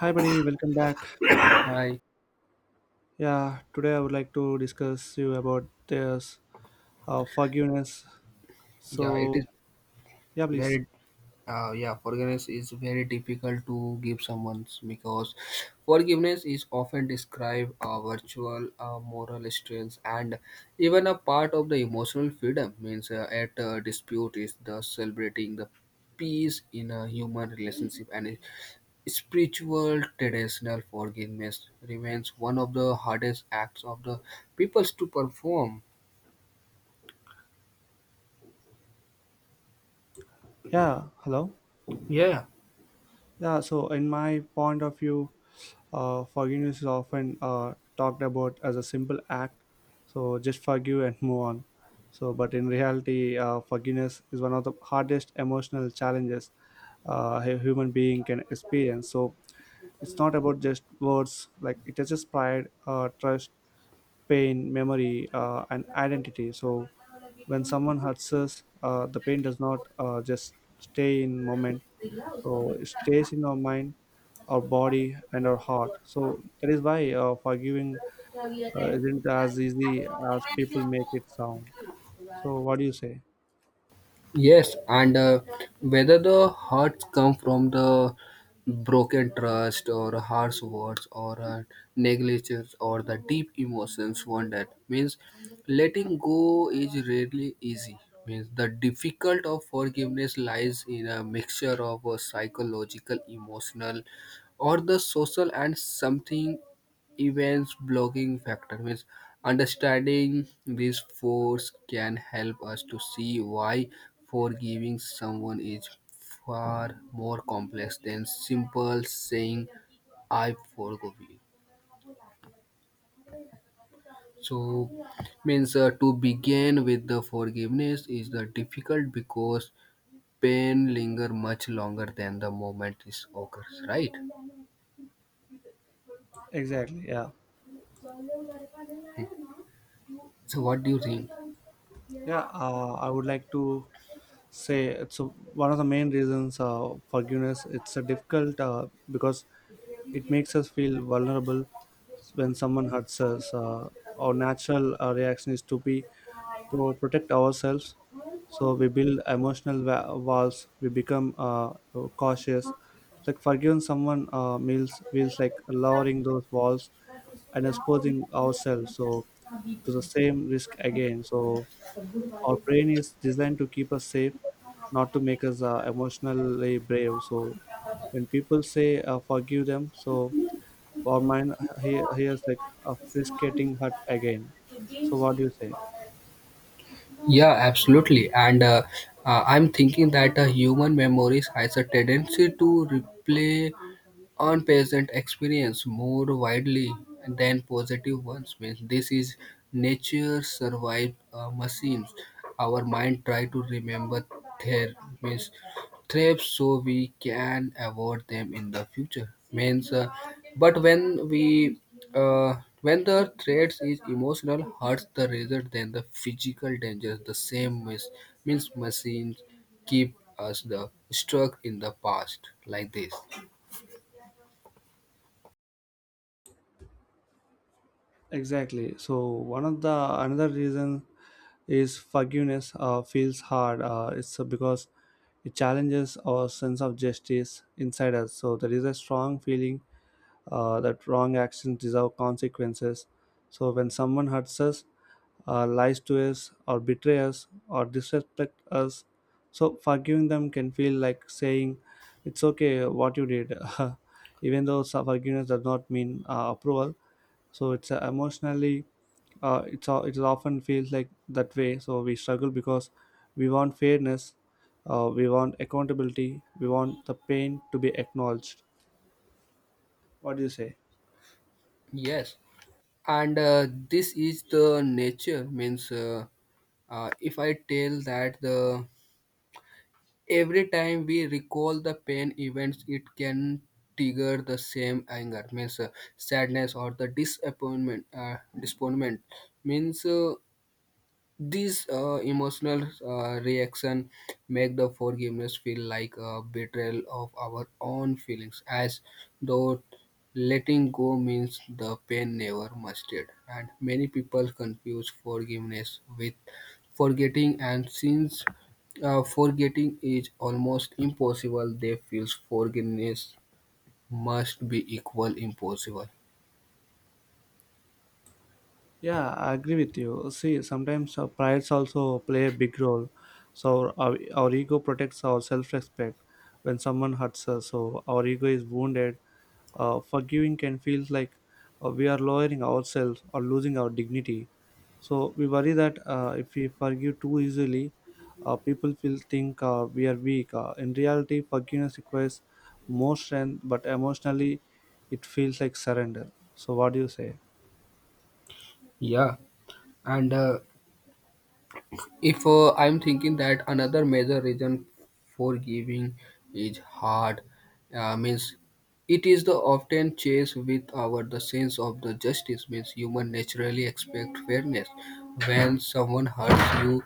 Hi, buddy. Welcome back. I Yeah, today I would like to discuss you about this forgiveness. yeah, it is So, yeah, please. very yeah, forgiveness is very difficult to give someone because forgiveness is often described a virtual, a moral strength, and even a part of the emotional freedom. Means at a dispute is the celebrating the peace in a human relationship and spiritual traditional forgiveness remains one of the hardest acts of the peoples to perform. Yeah, hello. Yeah. Yeah, so in my point of view, forgiveness is often talked about as a simple act. So just forgive and move on. So, but in reality, forgiveness is one of the hardest emotional challenges a human being can experience. So it's not about just words. Like it is just pride, trust, pain, memory, and identity. So when someone hurts us, the pain does not just stay in moment. So it stays in our mind, our body, and our heart. So that is why forgiving isn't as easy as people make it sound. So what do you say? Yes, and whether the hurts come from the broken trust or harsh words or negligence or the deep emotions one that means letting go is rarely easy means the difficult of forgiveness lies in a mixture of psychological emotional or the social and something events blocking factor means understanding this force can help us to see why forgiving someone is far more complex than simple saying I forgive you so means to begin with the forgiveness is the difficult because pain linger much longer than the moment is occurs, right? Exactly. Yeah. So what do you think? Yeah. I would like to say it's a, one of the main reasons forgiveness. It's a difficult because it makes us feel vulnerable when someone hurts us. Our natural reaction is to be to protect ourselves. So we build emotional walls. We become cautious. Like forgiving someone feels like lowering those walls and exposing ourselves so to the same risk again. So our brain is designed to keep us safe, not to make us emotionally brave. So when people say forgive them, so or mine, he is like a skating hut again. So what do you say? Yeah, absolutely. And I'm thinking that human memories has a tendency to replay unpleasant experience more widely than positive ones. Means this is nature's survive machines. Our mind try to remember there means thrive so we can avoid them in the future means but when we uh, when the threat is emotional hurts the rather than the physical dangers the same mis- means machines keep us the stuck in the past like this. Exactly. So one of the another reason is forgiveness feels hard, it's because it challenges our sense of justice inside us. So there is a strong feeling that wrong actions deserve consequences. So when someone hurts us, lies to us or betray us or disrespect us, so forgiving them can feel like saying it's okay what you did. Even though forgiveness does not mean approval, so it's emotionally, it often feels like that way. So we struggle because we want fairness, we want accountability, we want the pain to be acknowledged. What do you say? Yes, and this is the nature means if I tell that the every time we recall the pain events, it can trigger the same anger, means sadness or the disappointment. Disappointment means these emotional reaction make the forgiveness feel like a betrayal of our own feelings, as though letting go means the pain never musted. And many people confuse forgiveness with forgetting, and since forgetting is almost impossible, they feel forgiveness must be equal impossible. Yeah, I agree with you. See, sometimes prides also play a big role. So our ego protects our self-respect when someone hurts us. So our ego is wounded. Forgiving can feel like we are lowering ourselves or losing our dignity. So we worry that if we forgive too easily, people will think we are weak. In reality, forgiveness requires more strength, but emotionally, it feels like surrender. So what do you say? Yeah, and if I'm thinking that another major reason for giving is hard, means it is the often chase with our the sense of the justice means human naturally expect fairness. When someone hurts you,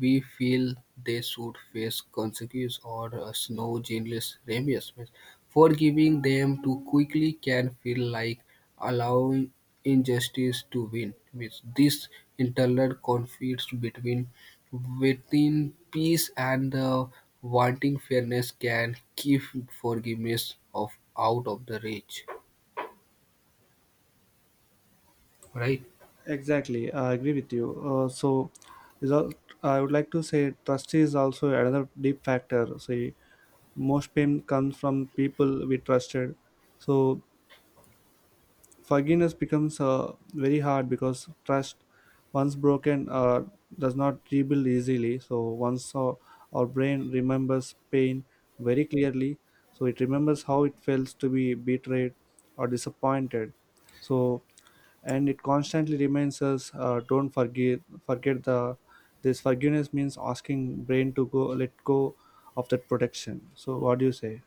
we feel they should face consequences or a snow genius remius means forgiving them too quickly can feel like allowing injustice to win. Means this internal conflicts between within peace and the wanting fairness can keep forgiveness of out of the reach. Right? Exactly, I agree with you. So, is al- I would like to say trust is also another deep factor. Say, most pain comes from people we trusted. So, forgiveness becomes very hard because trust, once broken, does not rebuild easily. So, once our brain remembers pain very clearly, so it remembers how it feels to be betrayed or disappointed. So, and it constantly reminds us, don't forget forget the this. Forgiveness means asking brain to go let go of that protection. So what do you say?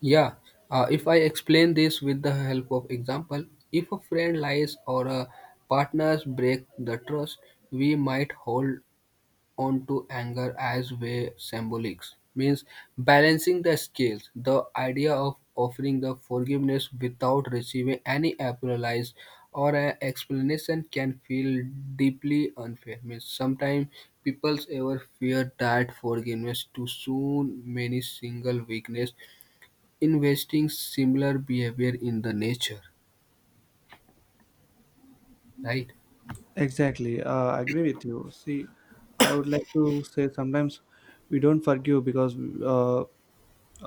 Yeah. If I explain this with the help of example, if a friend lies or a partner break the trust, we might hold onto anger as way symbolics means balancing the scales the idea of offering the forgiveness without receiving any apologies or an explanation can feel deeply unfair means sometimes people ever fear that forgiveness too soon many single weakness investing similar behavior in the nature, right? Exactly. I agree with you. See, I would like to say sometimes we don't forgive because uh,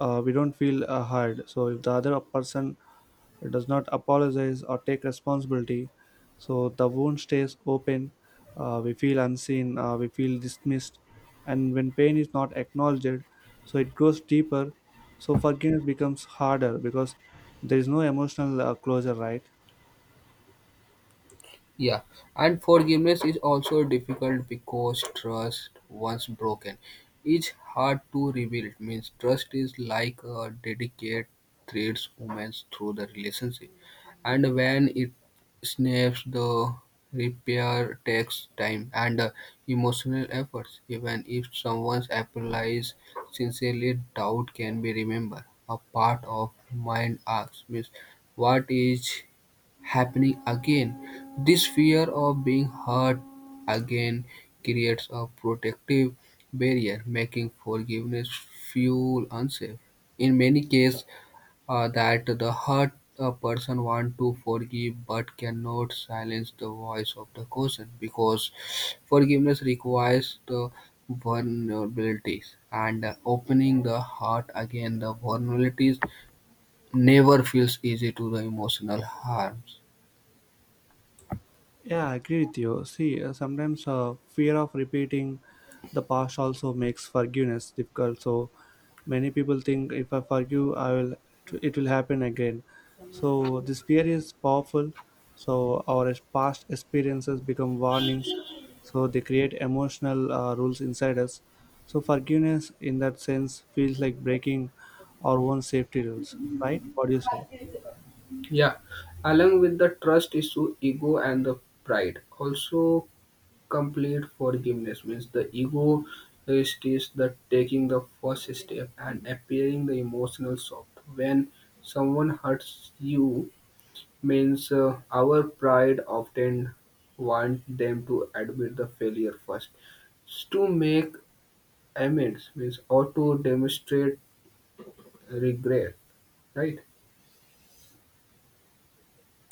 we don't feel hard. So if the other person, it does not apologize or take responsibility. So the wound stays open. We feel unseen. We feel dismissed. And when pain is not acknowledged, so it grows deeper. So forgiveness becomes harder because there is no emotional closure, right? Yeah, and forgiveness is also difficult because trust, once broken, is hard to rebuild. Means trust is like a delicate thread woven through the relationship, and when it snaps, the repair takes time and emotional efforts. Even if someone applies sincerely, doubt can be remembered. A part of mind asks, means, what is happening again. This fear of being hurt again creates a protective barrier, making forgiveness feel unsafe. In many cases, that the hurt a person want to forgive but cannot silence the voice of the question because forgiveness requires the vulnerabilities and opening the heart again the vulnerabilities never feels easy to the emotional harms. Yeah, I agree with you. See, sometimes fear of repeating the past also makes forgiveness difficult. So many people think if I forgive, I will, it will happen again. So this fear is powerful. So our past experiences become warnings. So they create emotional rules inside us. So forgiveness, in that sense, feels like breaking our own safety rules. Right? What do you say? Yeah, along with the trust issue, ego and the pride. Also, complete forgiveness means the ego is the taking the first step and appearing the emotional soft. When someone hurts you, means our pride often want them to admit the failure first, to make amends means or to demonstrate regret, right?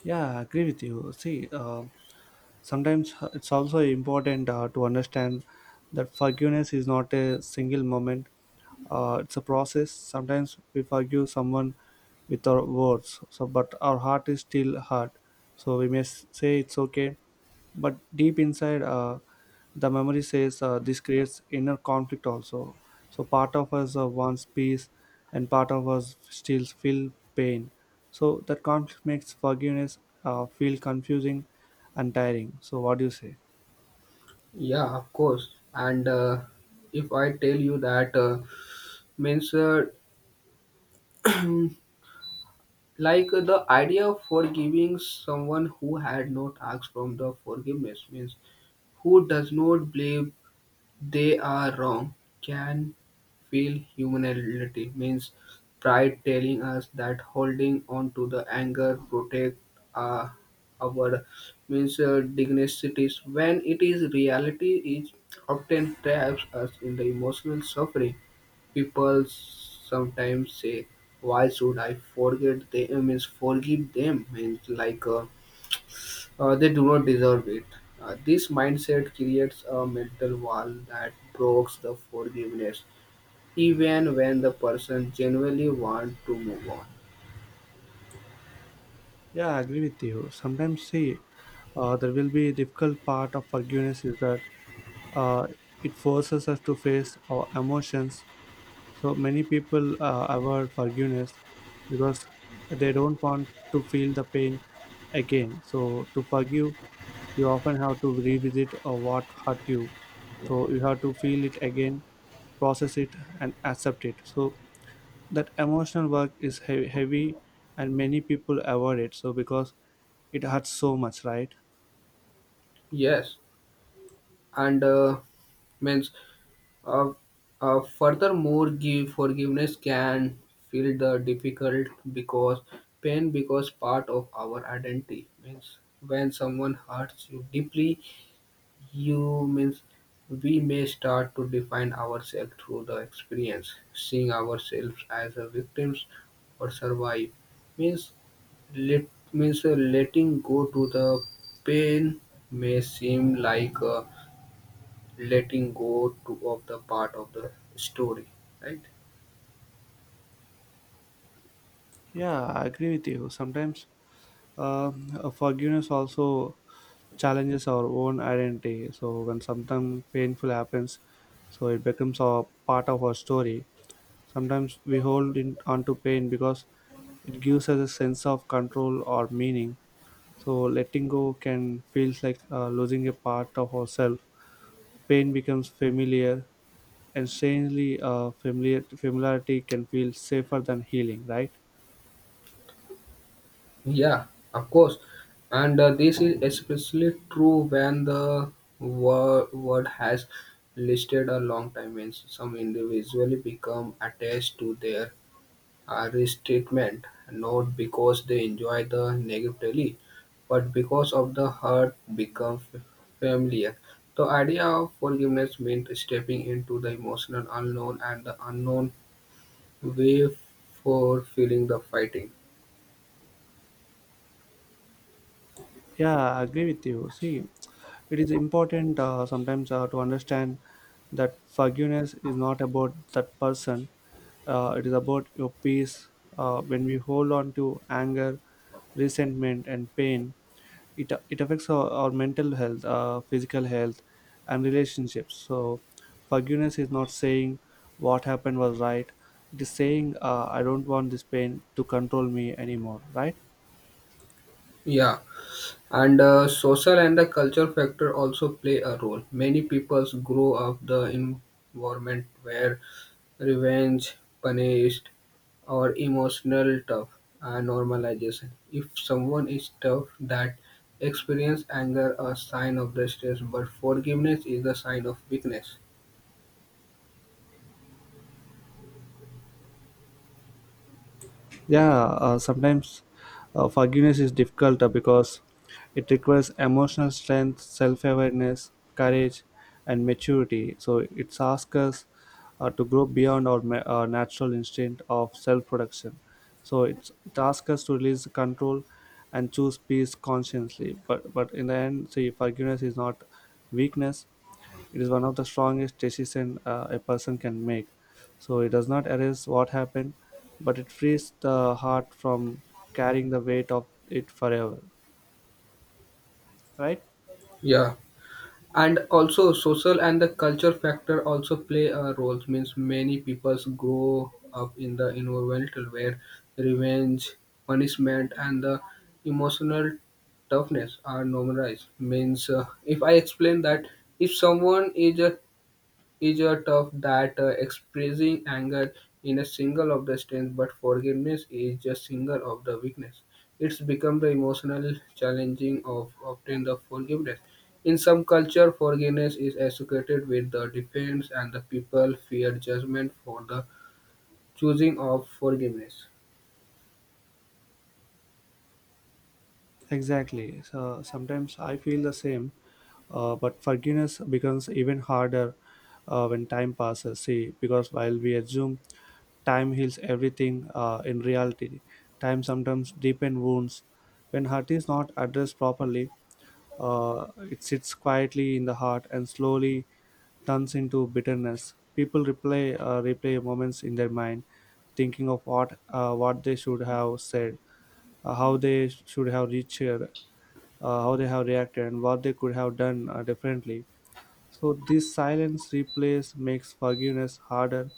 Yeah, I agree with you. See, sometimes it's also important to understand that forgiveness is not a single moment, it's a process. Sometimes we forgive someone with our words, so, but our heart is still hurt. So we may say it's okay, but deep inside, the memory says, this creates inner conflict also. So part of us wants peace and part of us still feel pain. So that conflict makes forgiveness feel confusing and tiring. So what do you say? Yeah, of course. And if I tell you that means mm, like the idea of forgiving someone who had not asked from the forgiveness means who does not believe they are wrong, can feel humility means pride telling us that holding on to the anger protect uh, our means dignities when it is reality is often traps us in the emotional suffering people sometimes say why should I forget them means forgive them means like they do not deserve it. This mindset creates a mental wall that blocks the forgiveness, even when the person genuinely wants to move on. Yeah, I agree with you. Sometimes see, there will be a difficult part of forgiveness is that uh, it forces us to face our emotions. So many people avoid forgiveness because they don't want to feel the pain again. So to forgive, you often have to revisit what hurt you. So you have to feel it again, process it, and accept it. So that emotional work is heavy, and many people avoid it. So because it hurts so much, right? Yes, and means uh, furthermore, give forgiveness can feel the difficult because pain because part of our identity means when someone hurts you deeply you means we may start to define ourselves through the experience, seeing ourselves as a victims or survive means let means letting go to the pain may seem like letting go to of the part of the story, right? Yeah, I agree with you. Sometimes uh, forgiveness also challenges our own identity. So when something painful happens, so it becomes a part of our story. Sometimes we hold in onto pain because it gives us a sense of control or meaning. So letting go can feels like losing a part of ourselves. Pain becomes familiar, and strangely, familiarity can feel safer than healing. Right? Yeah, of course. And this is especially true when the wor- word has listed a long time means some individually become attached to their risk not because they enjoy the negatively, but because of the hurt become f- familiar. The idea of forgiveness means stepping into the emotional unknown and the unknown way for feeling the fighting. Yeah, I agree with you. See, it is important, sometimes to understand that forgiveness is not about that person. It is about your peace. When we hold on to anger, resentment, and pain, it affects our mental health, physical health, and relationships. So, forgiveness is not saying what happened was right. It is saying, I don't want this pain to control me anymore. Right? Yeah. And social and the culture factor also play a role. Many peoples grow up the environment where revenge, punished, or emotional tough are normalization. If someone is tough, that experience anger a sign of the stress, but forgiveness is a sign of weakness. Yeah. Sometimes forgiveness is difficult because it requires emotional strength, self-awareness, courage, and maturity. So it asks us to grow beyond our natural instinct of self-production. So it asks us to release control and choose peace consciously. But in the end, see, forgiveness is not weakness. It is one of the strongest decisions a person can make. So it does not erase what happened, but it frees the heart from carrying the weight of it forever. Right? Yeah. And also social and the culture factor also play a role means many peoples grow up in the environment where revenge punishment and the emotional toughness are normalized means if I explain that if someone is a tough that expressing anger in a single of the strength but forgiveness is just single of the weakness it's become the emotional challenging of obtain the forgiveness in some culture forgiveness is associated with the defense and the people fear judgment for the choosing of forgiveness. Exactly. So sometimes I feel the same, but forgiveness becomes even harder when time passes. See, because while we assume time heals everything, in reality, time sometimes deepens wounds. When hurt is not addressed properly, it sits quietly in the heart and slowly turns into bitterness. People replay moments in their mind, thinking of what they should have said, how they should have reached here, how they have reacted, and what they could have done differently. So this silence replays makes forgiveness harder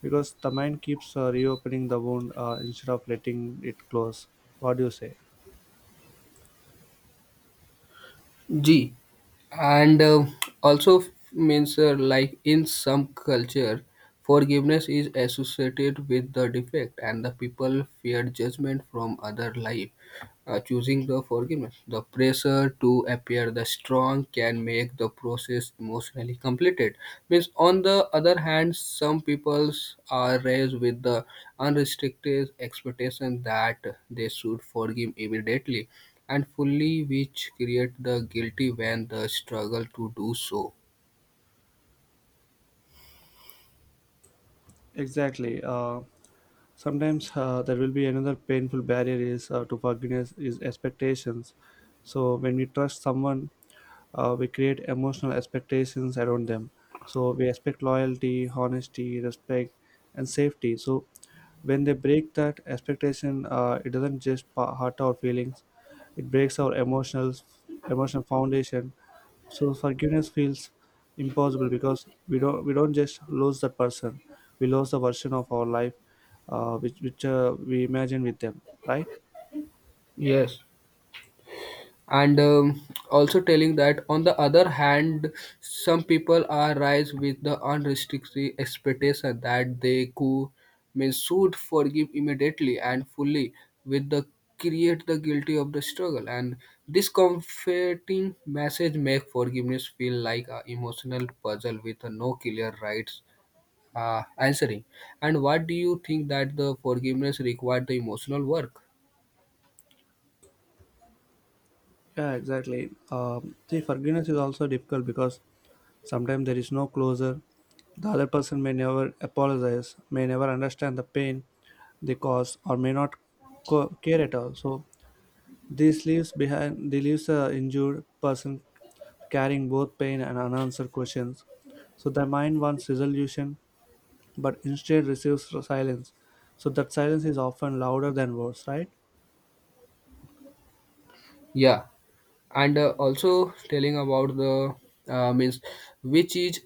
because the mind keeps reopening the wound instead of letting it close. What do you say? G and also means like in some culture forgiveness is associated with the defect and the people fear judgment from other life choosing the forgiveness. The pressure to appear the strong can make the process emotionally completed. Means, on the other hand, some peoples are raised with the unrestricted expectation that they should forgive immediately and fully, which create the guilty when the struggle to do so. Exactly. Sometimes there will be another painful barrier is to forgiveness is expectations. So when we trust someone, we create emotional expectations around them. So we expect loyalty, honesty, respect, and safety. So when they break that expectation, it doesn't just hurt our feelings; it breaks our emotional foundation. So forgiveness feels impossible because we don't just lose that person, we lose the version of our life, which we imagine with them, right? Yes. And also telling that on the other hand some people are rise with the unrestricted expectation that they could may should forgive immediately and fully with the create the guilty of the struggle and this comforting message make forgiveness feel like a emotional puzzle with no clear rights answering and what do you think that the forgiveness required the emotional work? Yeah, exactly. See, forgiveness is also difficult because sometimes there is no closure. The other person may never apologize, may never understand the pain they cause, or may not care at all. So this leaves behind, they leaves a injured person carrying both pain and unanswered questions. So the mind wants resolution, but instead receives silence. So that silence is often louder than words, right? Yeah, and also telling about the means which is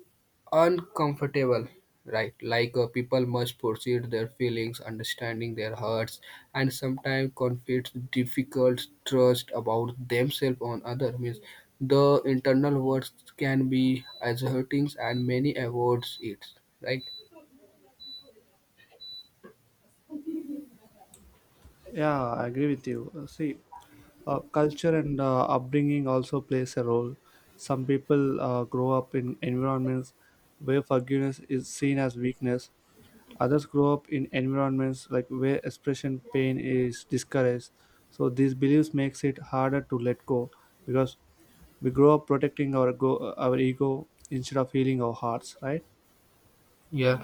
uncomfortable, right? Like people must proceed their feelings understanding their hurts and sometimes conflicts difficult trust about themselves on other means the internal words can be as hurting and many avoids it, right? Yeah, I agree with you. See, culture and upbringing also plays a role. Some people grow up in environments where forgiveness is seen as weakness. Others grow up in environments like where expression pain is discouraged. So these beliefs makes it harder to let go because we grow up protecting our ego instead of healing our hearts, right? Yeah.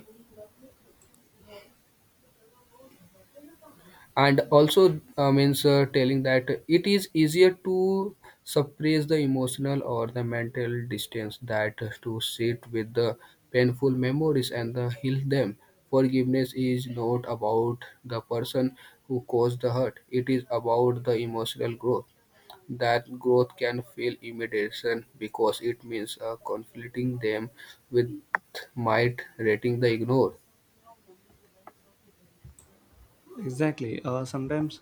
And also means telling that it is easier to suppress the emotional or the mental distance that to sit with the painful memories and the heal them forgiveness is not about the person who caused the hurt it is about the emotional growth that growth can feel immediation because it means conflicting them with might rating the ignore. Exactly. Sometimes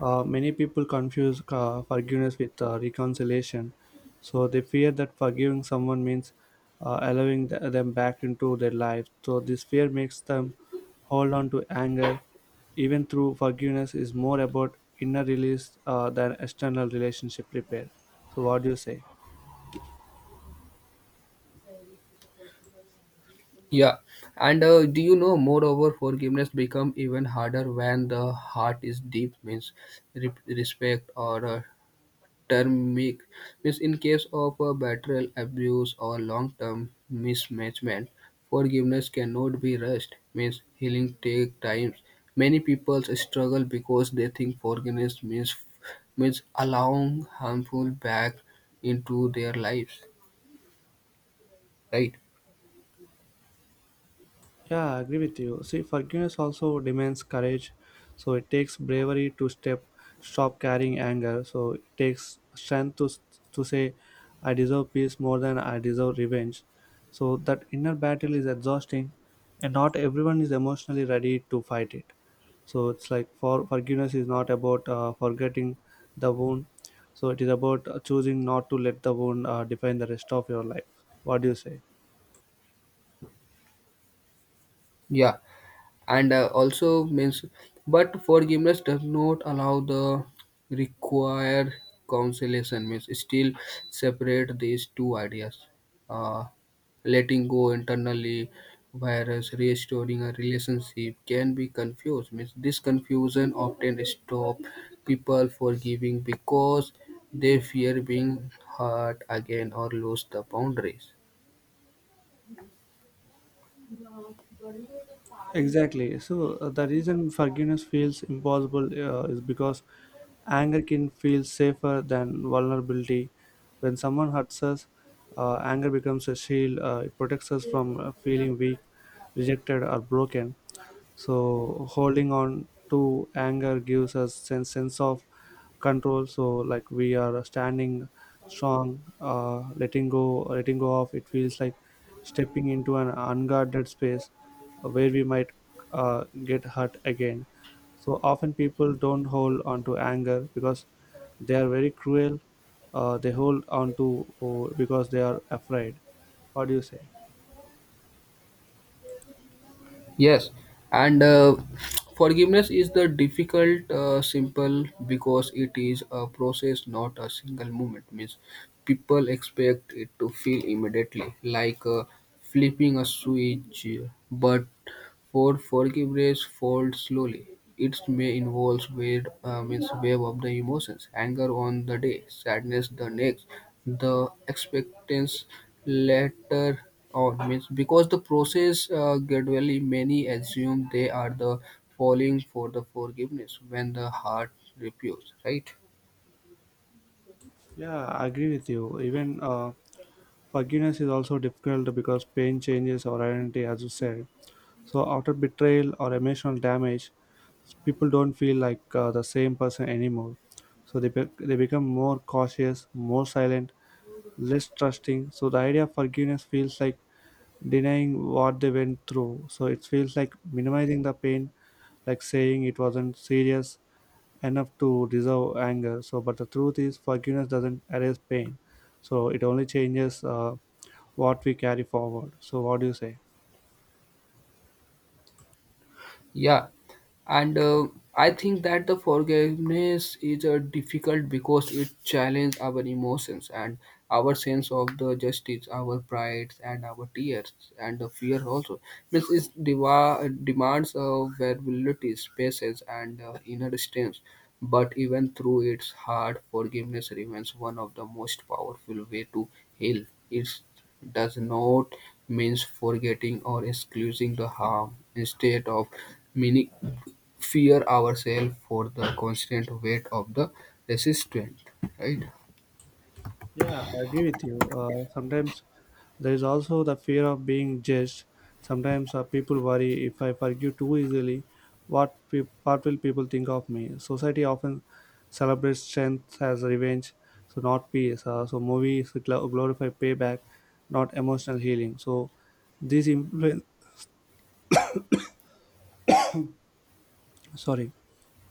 many people confuse forgiveness with reconciliation. So they fear that forgiving someone means allowing them back into their life. So this fear makes them hold on to anger, even through forgiveness, is more about inner release than external relationship repair. So, what do you say? Yeah, and do you know? Moreover, forgiveness become even harder when the heart is deep, means re- respect or termic, means in case of a betrayal, abuse, or long-term mismanagement, forgiveness cannot be rushed. Means healing take time. Many people struggle because they think forgiveness means means allowing harmful back into their lives. Right? Yeah, I agree with you. See, forgiveness also demands courage. So it takes bravery to step, stop carrying anger. So it takes strength to say, "I deserve peace more than I deserve revenge." So that inner battle is exhausting, and not everyone is emotionally ready to fight it. So it's like for forgiveness is not about forgetting the wound. So it is about choosing not to let the wound define the rest of your life. What do you say? Yeah. And also means but forgiveness does not allow the required consolation means still separate these two ideas uh, letting go internally whereas restoring a relationship can be confused means this confusion often stop people forgiving because they fear being hurt again or lose the boundaries. Exactly. So the reason forgiveness feels impossible is because anger can feel safer than vulnerability. When someone hurts us, anger becomes a shield. It protects us from feeling weak, rejected, or broken, so holding on to anger gives us sense of control, so like we are standing strong. Letting go of it feels like stepping into an unguarded space where we might get hurt again. So often people don't hold on to anger because they are very cruel. They hold on to, oh, because they are afraid. What do you say? Yes, and forgiveness is the difficult, simple because it is a process, not a single moment. Means people expect it to feel immediately, like flipping a switch, but for forgiveness folds slowly; it may involve wave, means wave of the emotions: anger on the day, sadness the next, the expectance later on. Means because the process gradually, many assume they are the falling for the forgiveness when the heart refuses. Right? Yeah, I agree with you. Even forgiveness is also difficult because pain changes our identity, as you said. So, after betrayal or emotional damage, people don't feel like the same person anymore. So, they become more cautious, more silent, less trusting. So, the idea of forgiveness feels like denying what they went through. So, it feels like minimizing the pain, like saying it wasn't serious enough to resolve anger. So, but the truth is, forgiveness doesn't erase pain. So, it only changes what we carry forward. So, what do you say? Yeah. And I think that the forgiveness is difficult because it challenges our emotions and our sense of the justice our pride and our tears and the fear also means it deva- demands of vulnerability patience and inner strength but even through its hard forgiveness remains one of the most powerful way to heal it does not means forgetting or excusing the harm instead of meaning fear ourselves for the constant weight of the resistance, right? Yeah, I agree with you. Sometimes there is also the fear of being judged. Sometimes people worry, if I forgive too easily, what will people think of me? Society often celebrates strength as revenge, so not peace. So movies glorify payback, not emotional healing. So these influence. Sorry,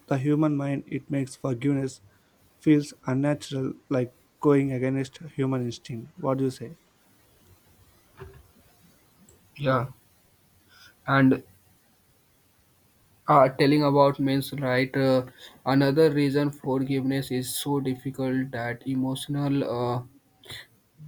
the human mind, it makes forgiveness feels unnatural, like going against human instinct. What do you say? Yeah, and telling about means right. Another reason forgiveness is so difficult that emotional. Uh,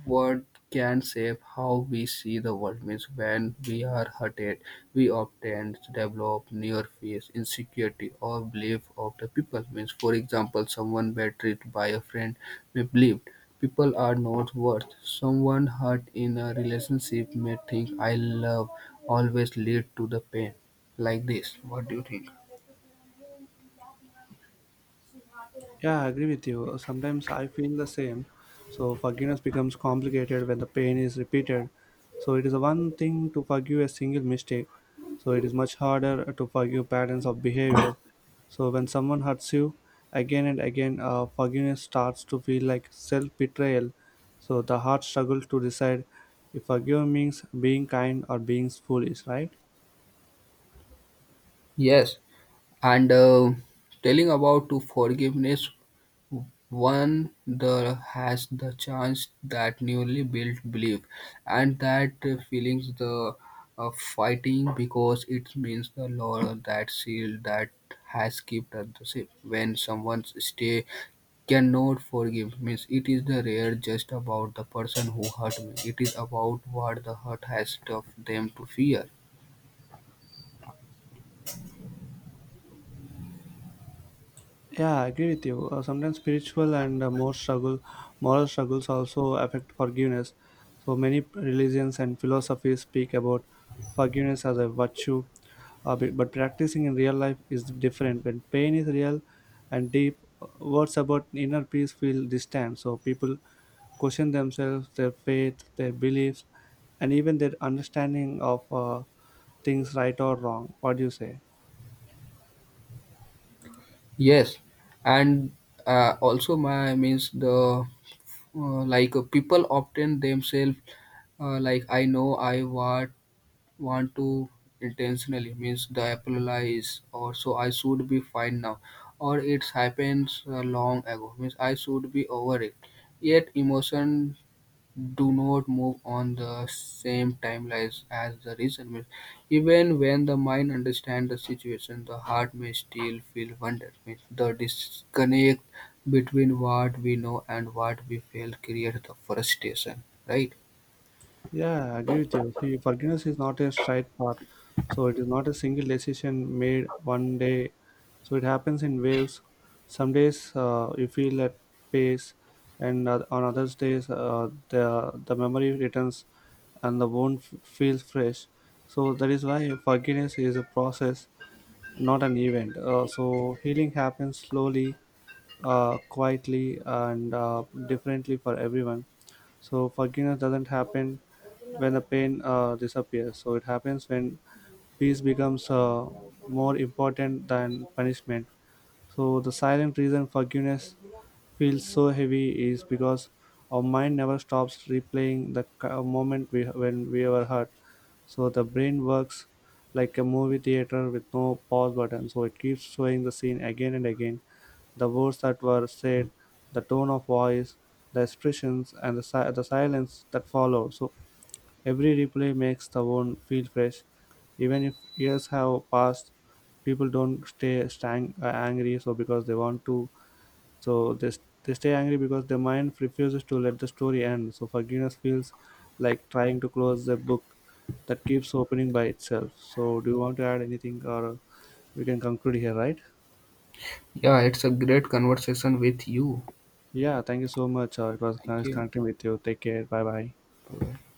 What can shape how we see the world means when we are hurted, we often develop near fears, insecurity, or belief of the people. Means, for example, someone betrayed by a friend may believe people are not worth. Someone hurt in a relationship may think I love always lead to the pain. Like this, what do you think? Yeah, I agree with you. Sometimes I feel the same. So forgiveness becomes complicated when the pain is repeated. So it is one thing to forgive a single mistake. So it is much harder to forgive patterns of behavior. So when someone hurts you again and again, forgiveness starts to feel like self-betrayal. So the heart struggles to decide if forgive means being kind or being foolish, right? Yes, and telling about to forgiveness one the has the chance that newly built belief, and that feelings the fighting because it means the law that seal that has kept at the ship. When someone's stay cannot forgive means it is the rare just about the person who hurt me. It is about what the hurt has taught them to fear. Yeah, I agree with you. Sometimes spiritual and more struggle, moral struggles also affect forgiveness. So many religions and philosophies speak about forgiveness as a virtue, but practicing in real life is different. When pain is real and deep, words about inner peace feel distant. So people question themselves, their faith, their beliefs, and even their understanding of things right or wrong. What do you say? Yes, and also my means the like people often themselves like I know I want to intentionally means the applies or so I should be fine now or it happens long ago means I should be over it yet emotion do not move on the same timelines as the recent myths. Even when the mind understands the situation, the heart may still feel wonder. Means the disconnect between what we know and what we feel creates the frustration, right? Yeah, I agree with you. See, forgiveness is not a straight path. So it is not a single decision made one day. So it happens in waves. Some days you feel at peace, and on others days the memory returns, and the wound feels fresh. So that is why forgiveness is a process, not an event. So healing happens slowly, quietly, and differently for everyone. So forgiveness doesn't happen when the pain disappears. So it happens when peace becomes more important than punishment. So the silent reason forgiveness feels so heavy is because our mind never stops replaying the moment when we were hurt. So the brain works like a movie theater with no pause button. So it keeps showing the scene again and again, the words that were said, the tone of voice, the expressions, and the silence that followed. So every replay makes the one feel fresh. Even if years have passed, people don't stay angry so because they want to. So they stay angry because their mind refuses to let the story end. So forgiveness feels like trying to close a book that keeps opening by itself. So do you want to add anything, or we can conclude here, right? Yeah, it's a great conversation with you. Yeah, thank you so much. It was Thank nice you. connecting with you. Take care. Bye bye. Bye-bye.